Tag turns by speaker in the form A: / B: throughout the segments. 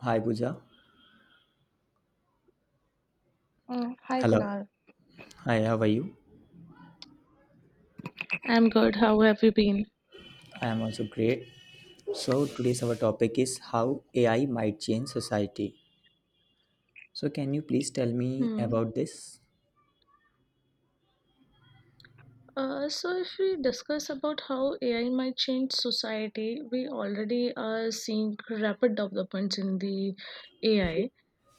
A: Hi, Pooja.
B: Mm, hi,
A: Hello.
B: Kunal.
A: Hi, how are you?
B: I'm good. How have you been?
A: I am also great. So, today's our topic is how AI might change society. So, can you please tell me
B: Hmm.
A: about this?
B: So, if we discuss about how AI might change society, we already are seeing rapid developments in the AI,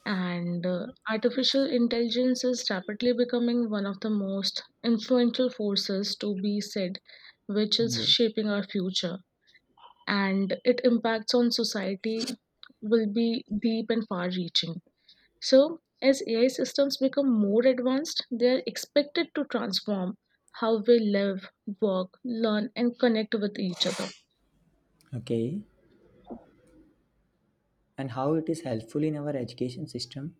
B: and artificial intelligence is rapidly becoming one of the most influential forces to be said, which is
A: Yes.
B: shaping our future, and its impacts on society will be deep and far-reaching. So, as AI systems become more advanced, they are expected to transform how we live, work, learn, and connect with each other.
A: Okay. And how it is helpful in our education system?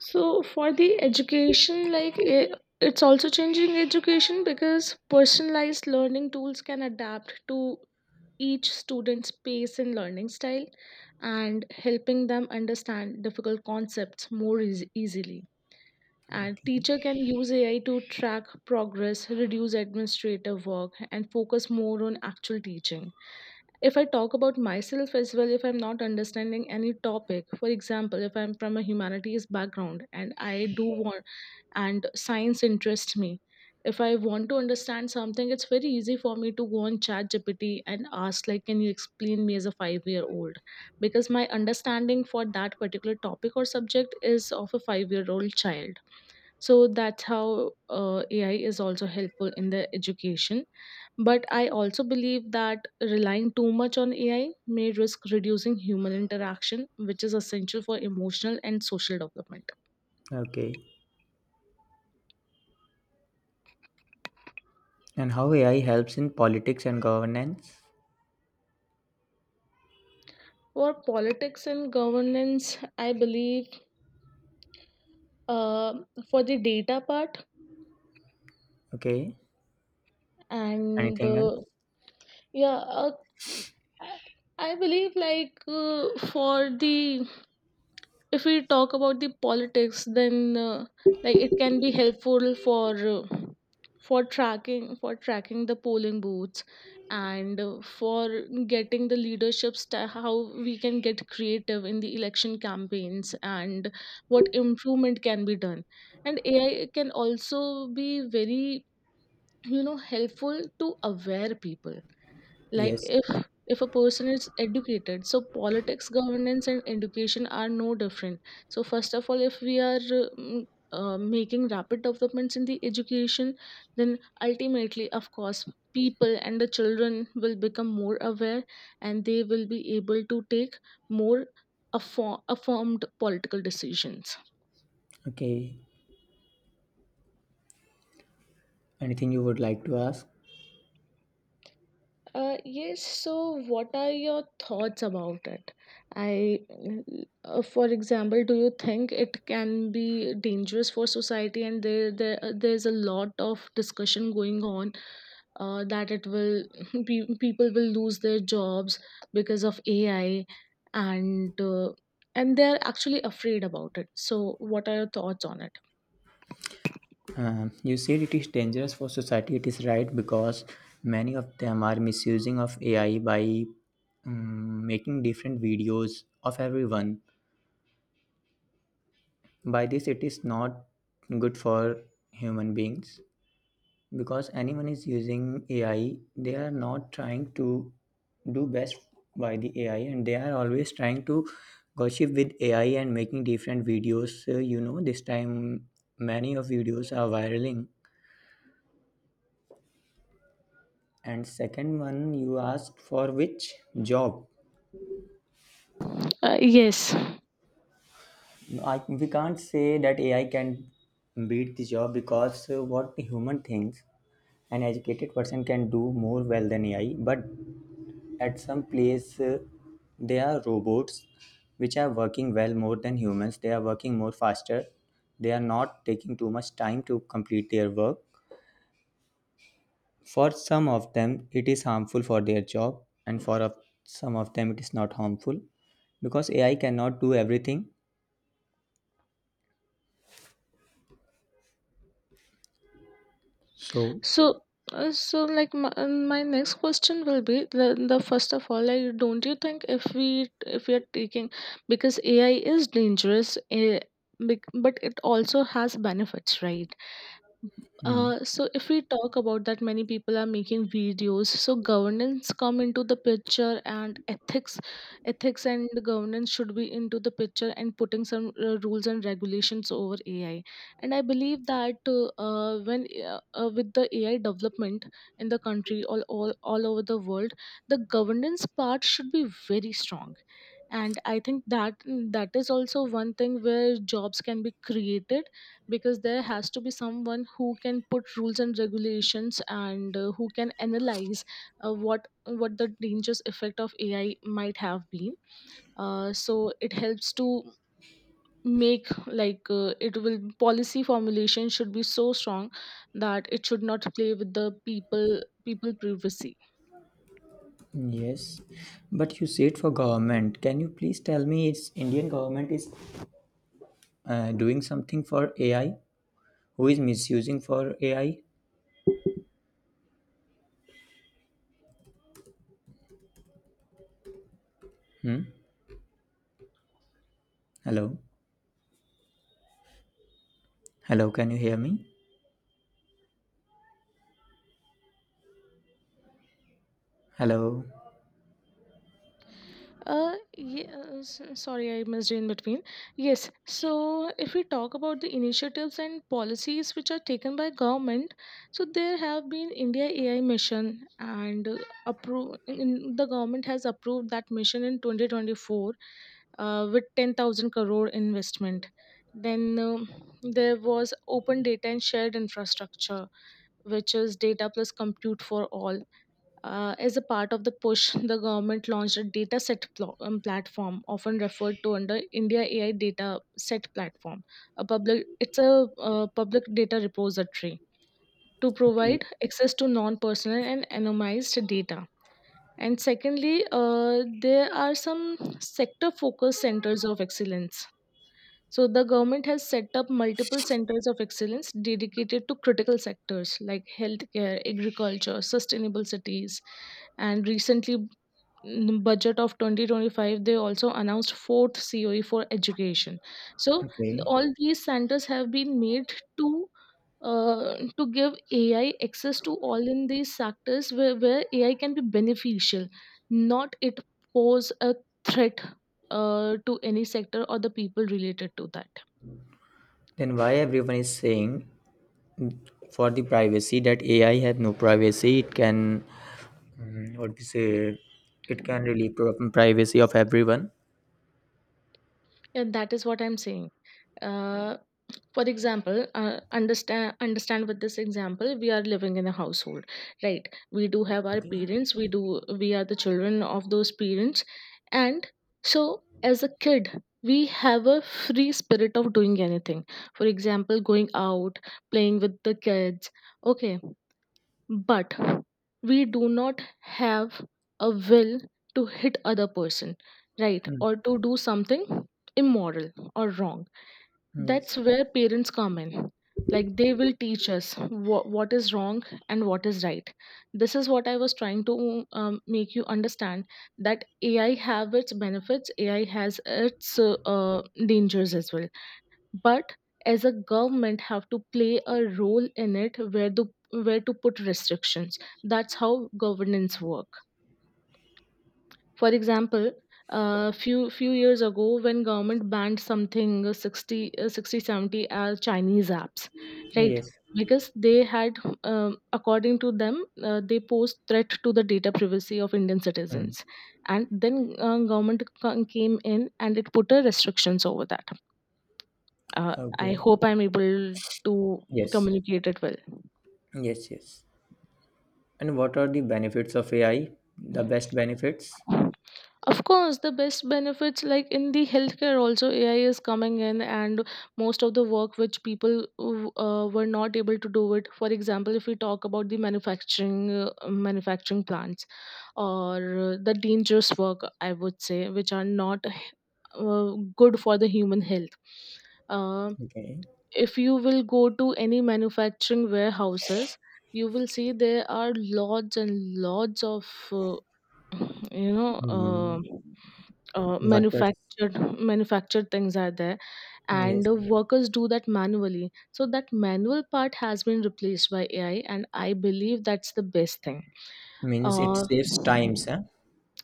B: So, for the education, it's also changing education because personalized learning tools can adapt to each student's pace and learning style and helping them understand difficult concepts more easily. And
A: Okay.
B: teacher can use AI to track progress, reduce administrative work, and focus more on actual teaching. If I talk about myself as well, if I'm not understanding any topic, for example, if I'm from a humanities background and I do want, and science interests me, if I want to understand something, it's very easy for me to go on ChatGPT and ask, like, can you explain me as a 5-year-old year old, because my understanding for that particular topic or subject is of a 5-year-old year old child. So that's how AI is also helpful in the education. But I also believe that relying too much on AI may risk reducing human interaction, which is essential for emotional and social development.
A: Okay. And how AI helps in politics and governance?
B: For politics and governance, I believe, uh, for the data part,
A: Okay.
B: and
A: Anything else?
B: yeah, I believe, like, for the, if we talk about the politics, then, like, it can be helpful for, for tracking the polling booths, and for getting the leadership sta, how we can get creative in the election campaigns, and what improvement can be done. And AI can also be very, you know, helpful to aware people. Like,
A: Yes.
B: if a person is educated, so politics, governance, and education are no different. So first of all, if we are um, making rapid developments in the education, then ultimately, of course, people and the children will become more aware, and they will be able to take more affirmed political decisions.
A: Okay. Anything you would like to ask?
B: Yes, so what are your thoughts about it? I, for example, do you think it can be dangerous for society? And there's a lot of discussion going on, that it will, people will lose their jobs because of AI, and uh, and they're actually afraid about it. So what are your thoughts on it?
A: You said it is dangerous for society. It is right because many of them are misusing of AI by making different videos of everyone. By this, it is not good for human beings because anyone is using AI. They are not trying to do best by the AI, and they are always trying to gossip with AI and making different videos. So, you know, this time many of videos are viraling. And second one, you asked for which job?
B: Yes.
A: We can't say that AI can beat the job because what the human thinks, an educated person can do more well than AI. But at some place, there are robots which are working well more than humans. They are working more faster. They are not taking too much time to complete their work. For some of them, it is harmful for their job, and for some of them, it is not harmful because AI cannot do everything. So,
B: So, so like my next question will be the first of all, like, don't you think if we are taking, because AI is dangerous, eh, but it also has benefits, right?
A: hmm,
B: So if we talk about that many people are making videos, so governance come into the picture, and ethics and governance should be into the picture, and putting some rules and regulations over AI. And I believe that when with the AI development in the country, all over the world, the governance part should be very strong. And I think that that is also one thing where jobs can be created, because there has to be someone who can put rules and regulations, and who can analyze what the dangerous effect of AI might have been. So it helps to make, like, it will, policy formulation should be so strong that it should not play with the people, people privacy.
A: yes, but you said for government. Can you please tell me, is Indian government is doing something for AI? Who is misusing for AI? Hmm? Hello, hello. Can you hear me? Hello.
B: Yes, sorry, I missed in between. Yes, so if we talk about the initiatives and policies which are taken by government, so there have been India AI mission, and the government has approved that mission in 2024 with 10,000 crore investment. Then there was open data and shared infrastructure, which is data plus compute for all, as a part of the push, the government launched a dataset platform, often referred to under India AI Data Set Platform. A public, it's a public data repository to
A: Okay.
B: provide access to non-personal and anonymized data. And secondly, there are some sector-focused centers of excellence. So the government has set up multiple centers of excellence dedicated to critical sectors like healthcare, agriculture, sustainable cities, and recently, mm, budget of 2025, they also announced fourth coe for education. So
A: Okay.
B: all these centers have been made to give AI access to all in these sectors where AI can be beneficial, not it pose a threat to any sector or the people related to that.
A: Then why everyone is saying for the privacy that AI have no privacy? It can, mm, what we say, it can really privacy of everyone.
B: And that is what I'm saying, uh, for example, understand with this example. We are living in a household, right? We do have our
A: Okay.
B: parents, we do, we are the children of those parents. And so, as a kid, we have a free spirit of doing anything. For example, going out, playing with the kids. Okay, but we do not have a will to hit other person, right,
A: Mm.
B: or to do something immoral or wrong. That's
A: Yes.
B: where parents come in. Like, they will teach us what is wrong and what is right. This is what I was trying to make you understand, that AI have its benefits, AI has its dangers as well. But as a government have to play a role in it, where to, where to put restrictions. That's how governance work. For example, few years ago, when government banned something, 60, 60, 70 as Chinese apps, right?
A: Yes.
B: Because they had, according to them, they posed threat to the data privacy of Indian
A: Mm.
B: citizens, and then government came in, and it put a restrictions over that. I
A: Okay.
B: hope I'm able to
A: Yes.
B: communicate it
A: Yes. Yes. And what are the benefits of AI? The
B: well.
A: best benefits?
B: Of course, the best benefits, like in the healthcare, also AI is coming in, and most of the work which people were not able to do it. For example, if we talk about the manufacturing manufacturing plants, or the dangerous work, I would say, which are not good for the human health. Uh,
A: Okay.
B: if you will go to any manufacturing warehouses, you will see there are lots and lots of uh, you know. Uh,
A: Mm,
B: uh,
A: workers.
B: manufactured manufactured things are there,
A: Yes.
B: and workers do that manually, so that manual part has been replaced by AI, and I believe that's the best thing.
A: Means it
B: uh,
A: saves times, huh?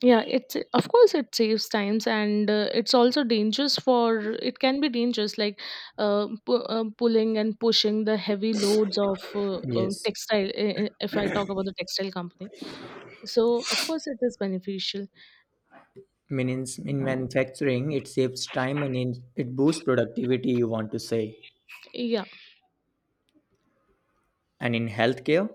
B: yeah, it's, of course, it saves times, and it can be dangerous, like, pulling and pushing the heavy loads of
A: Yes.
B: textile, if I talk about the textile company, so of course it is beneficial.
A: Means in manufacturing, it saves time and in, it boosts productivity, you want to say.
B: Yeah,
A: And in healthcare?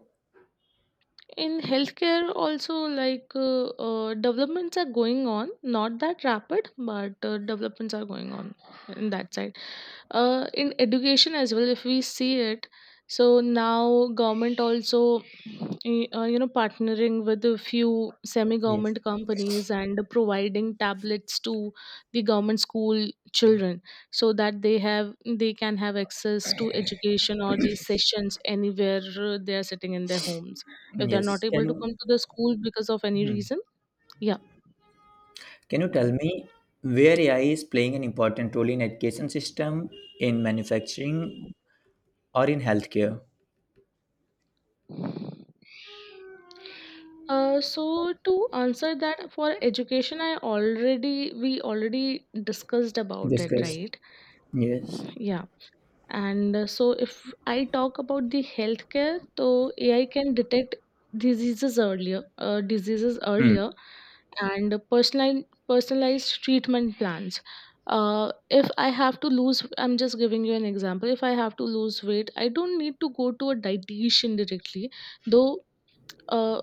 B: in healthcare also, like, developments are going on, not that rapid, but developments are going on in that side. In education as well, if we see it, so now government also, you know, partnering with a few semi
A: Yes.
B: government companies and providing tablets to the government school children, so that they have, they can have access to education or these sessions anywhere, they are sitting in their homes, if they're not
A: Yes.
B: able to
A: Can.
B: come to the school because of any
A: Hmm.
B: reason. Yeah,
A: Can you tell me where AI is playing an important role in education system, in manufacturing, or in healthcare?
B: so to answer that, for education, I already we already discussed about it,
A: Discuss.
B: right?
A: Yes.
B: Yeah. And so, if I talk about the healthcare, so AI can detect diseases earlier,
A: Hmm.
B: and personalized treatment plans. If I have to lose, I'm just giving you an example. If I have to lose weight, I don't need to go to a dietitian directly, though. Uh,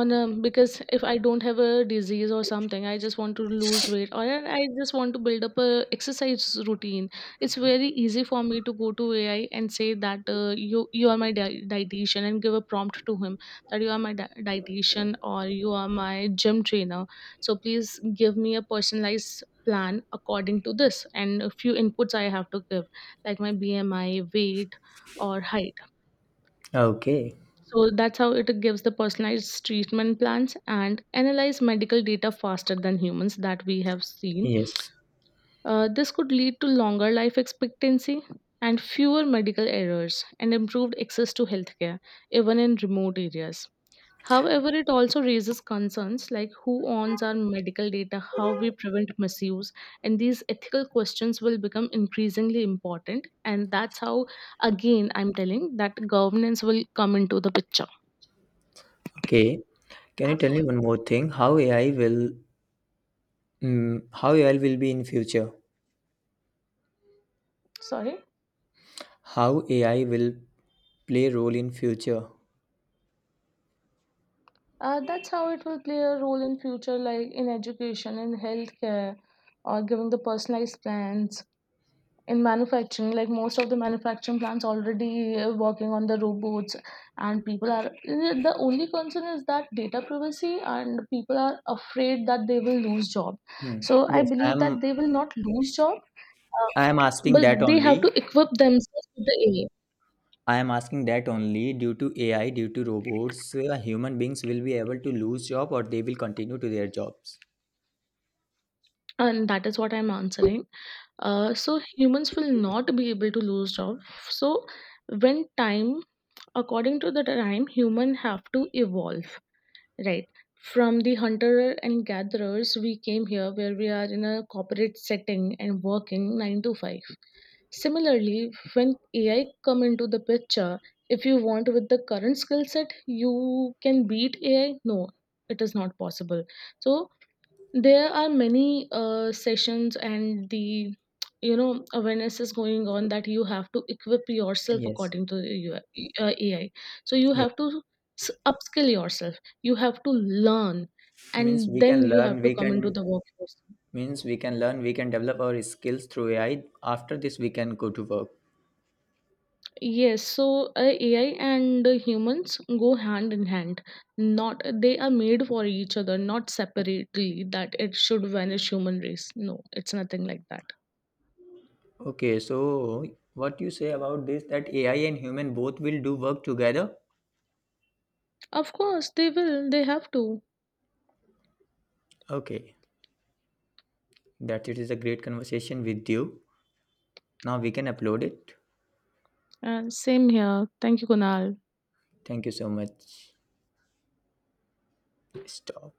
B: on a because if I don't have a disease or something, I just want to lose weight, or I just want to build up a exercise routine. It's very easy for me to go to AI and say that, you are my dietitian, and give a prompt to him that you are my dietitian, or you are my gym trainer, so please give me a personalized plan according to this. And a few inputs I have to give, like my BMI, weight, or height.
A: Okay.
B: So that's how it gives the personalized treatment plans and analyze medical data faster than humans, that we have seen.
A: Yes.
B: This could lead to longer life expectancy and fewer medical errors, and improved access to healthcare, even in remote areas. However, it also raises concerns like who owns our medical data, how we prevent misuse, and these ethical questions will become increasingly important. And that's how, again, I'm telling that governance will come into the picture.
A: Okay. Can you tell me one more thing? How AI will, mm, how AI will be in future?
B: Sorry?
A: How AI will play role in future?
B: That's how it will play a role in future, like in education, in healthcare, or giving the personalized plans in manufacturing. Like most of the manufacturing plants already working on the robots, and people are, the only concern is that data privacy, and people are afraid that they will lose job.
A: Hmm.
B: So I
A: Yes,
B: believe that they will not lose job, uh,
A: I am asking
B: but
A: that
B: they have
A: only.
B: to equip themselves with the AI.
A: I am asking that only due to AI, due to robots, human beings will be able to lose job or they will continue to their jobs.
B: And that is what I'm answering. So humans will not be able to lose job. So when time, according to the time, human have to evolve, right? From the hunter and gatherers, we came here where we are in a corporate setting and working 9 to 5. Similarly, when AI come into the picture, if you want with the current skill set, you can beat AI? No, it is not possible. So there are many sessions, and the, you know, awareness is going on, that you have to equip yourself
A: Yes.
B: according to the UI, AI. So you
A: Yeah.
B: have to upskill yourself, you have to learn,
A: Means
B: and
A: we
B: then
A: can
B: you have
A: learn,
B: to
A: we
B: come into
A: can
B: the workforce.
A: means we can learn, we can develop our skills through AI. After this, we can go to work.
B: Yes, so AI and humans go hand in hand, not they are made for each other, not separately that it should vanish human race, no, it's nothing like that.
A: Okay, so what you say about this that AI and human both will do work together?
B: Of course they will, they have to.
A: Okay. That it is a great conversation with you. Now we can upload it.
B: And same here. Thank you, Kunal.
A: Thank you so much. Stop.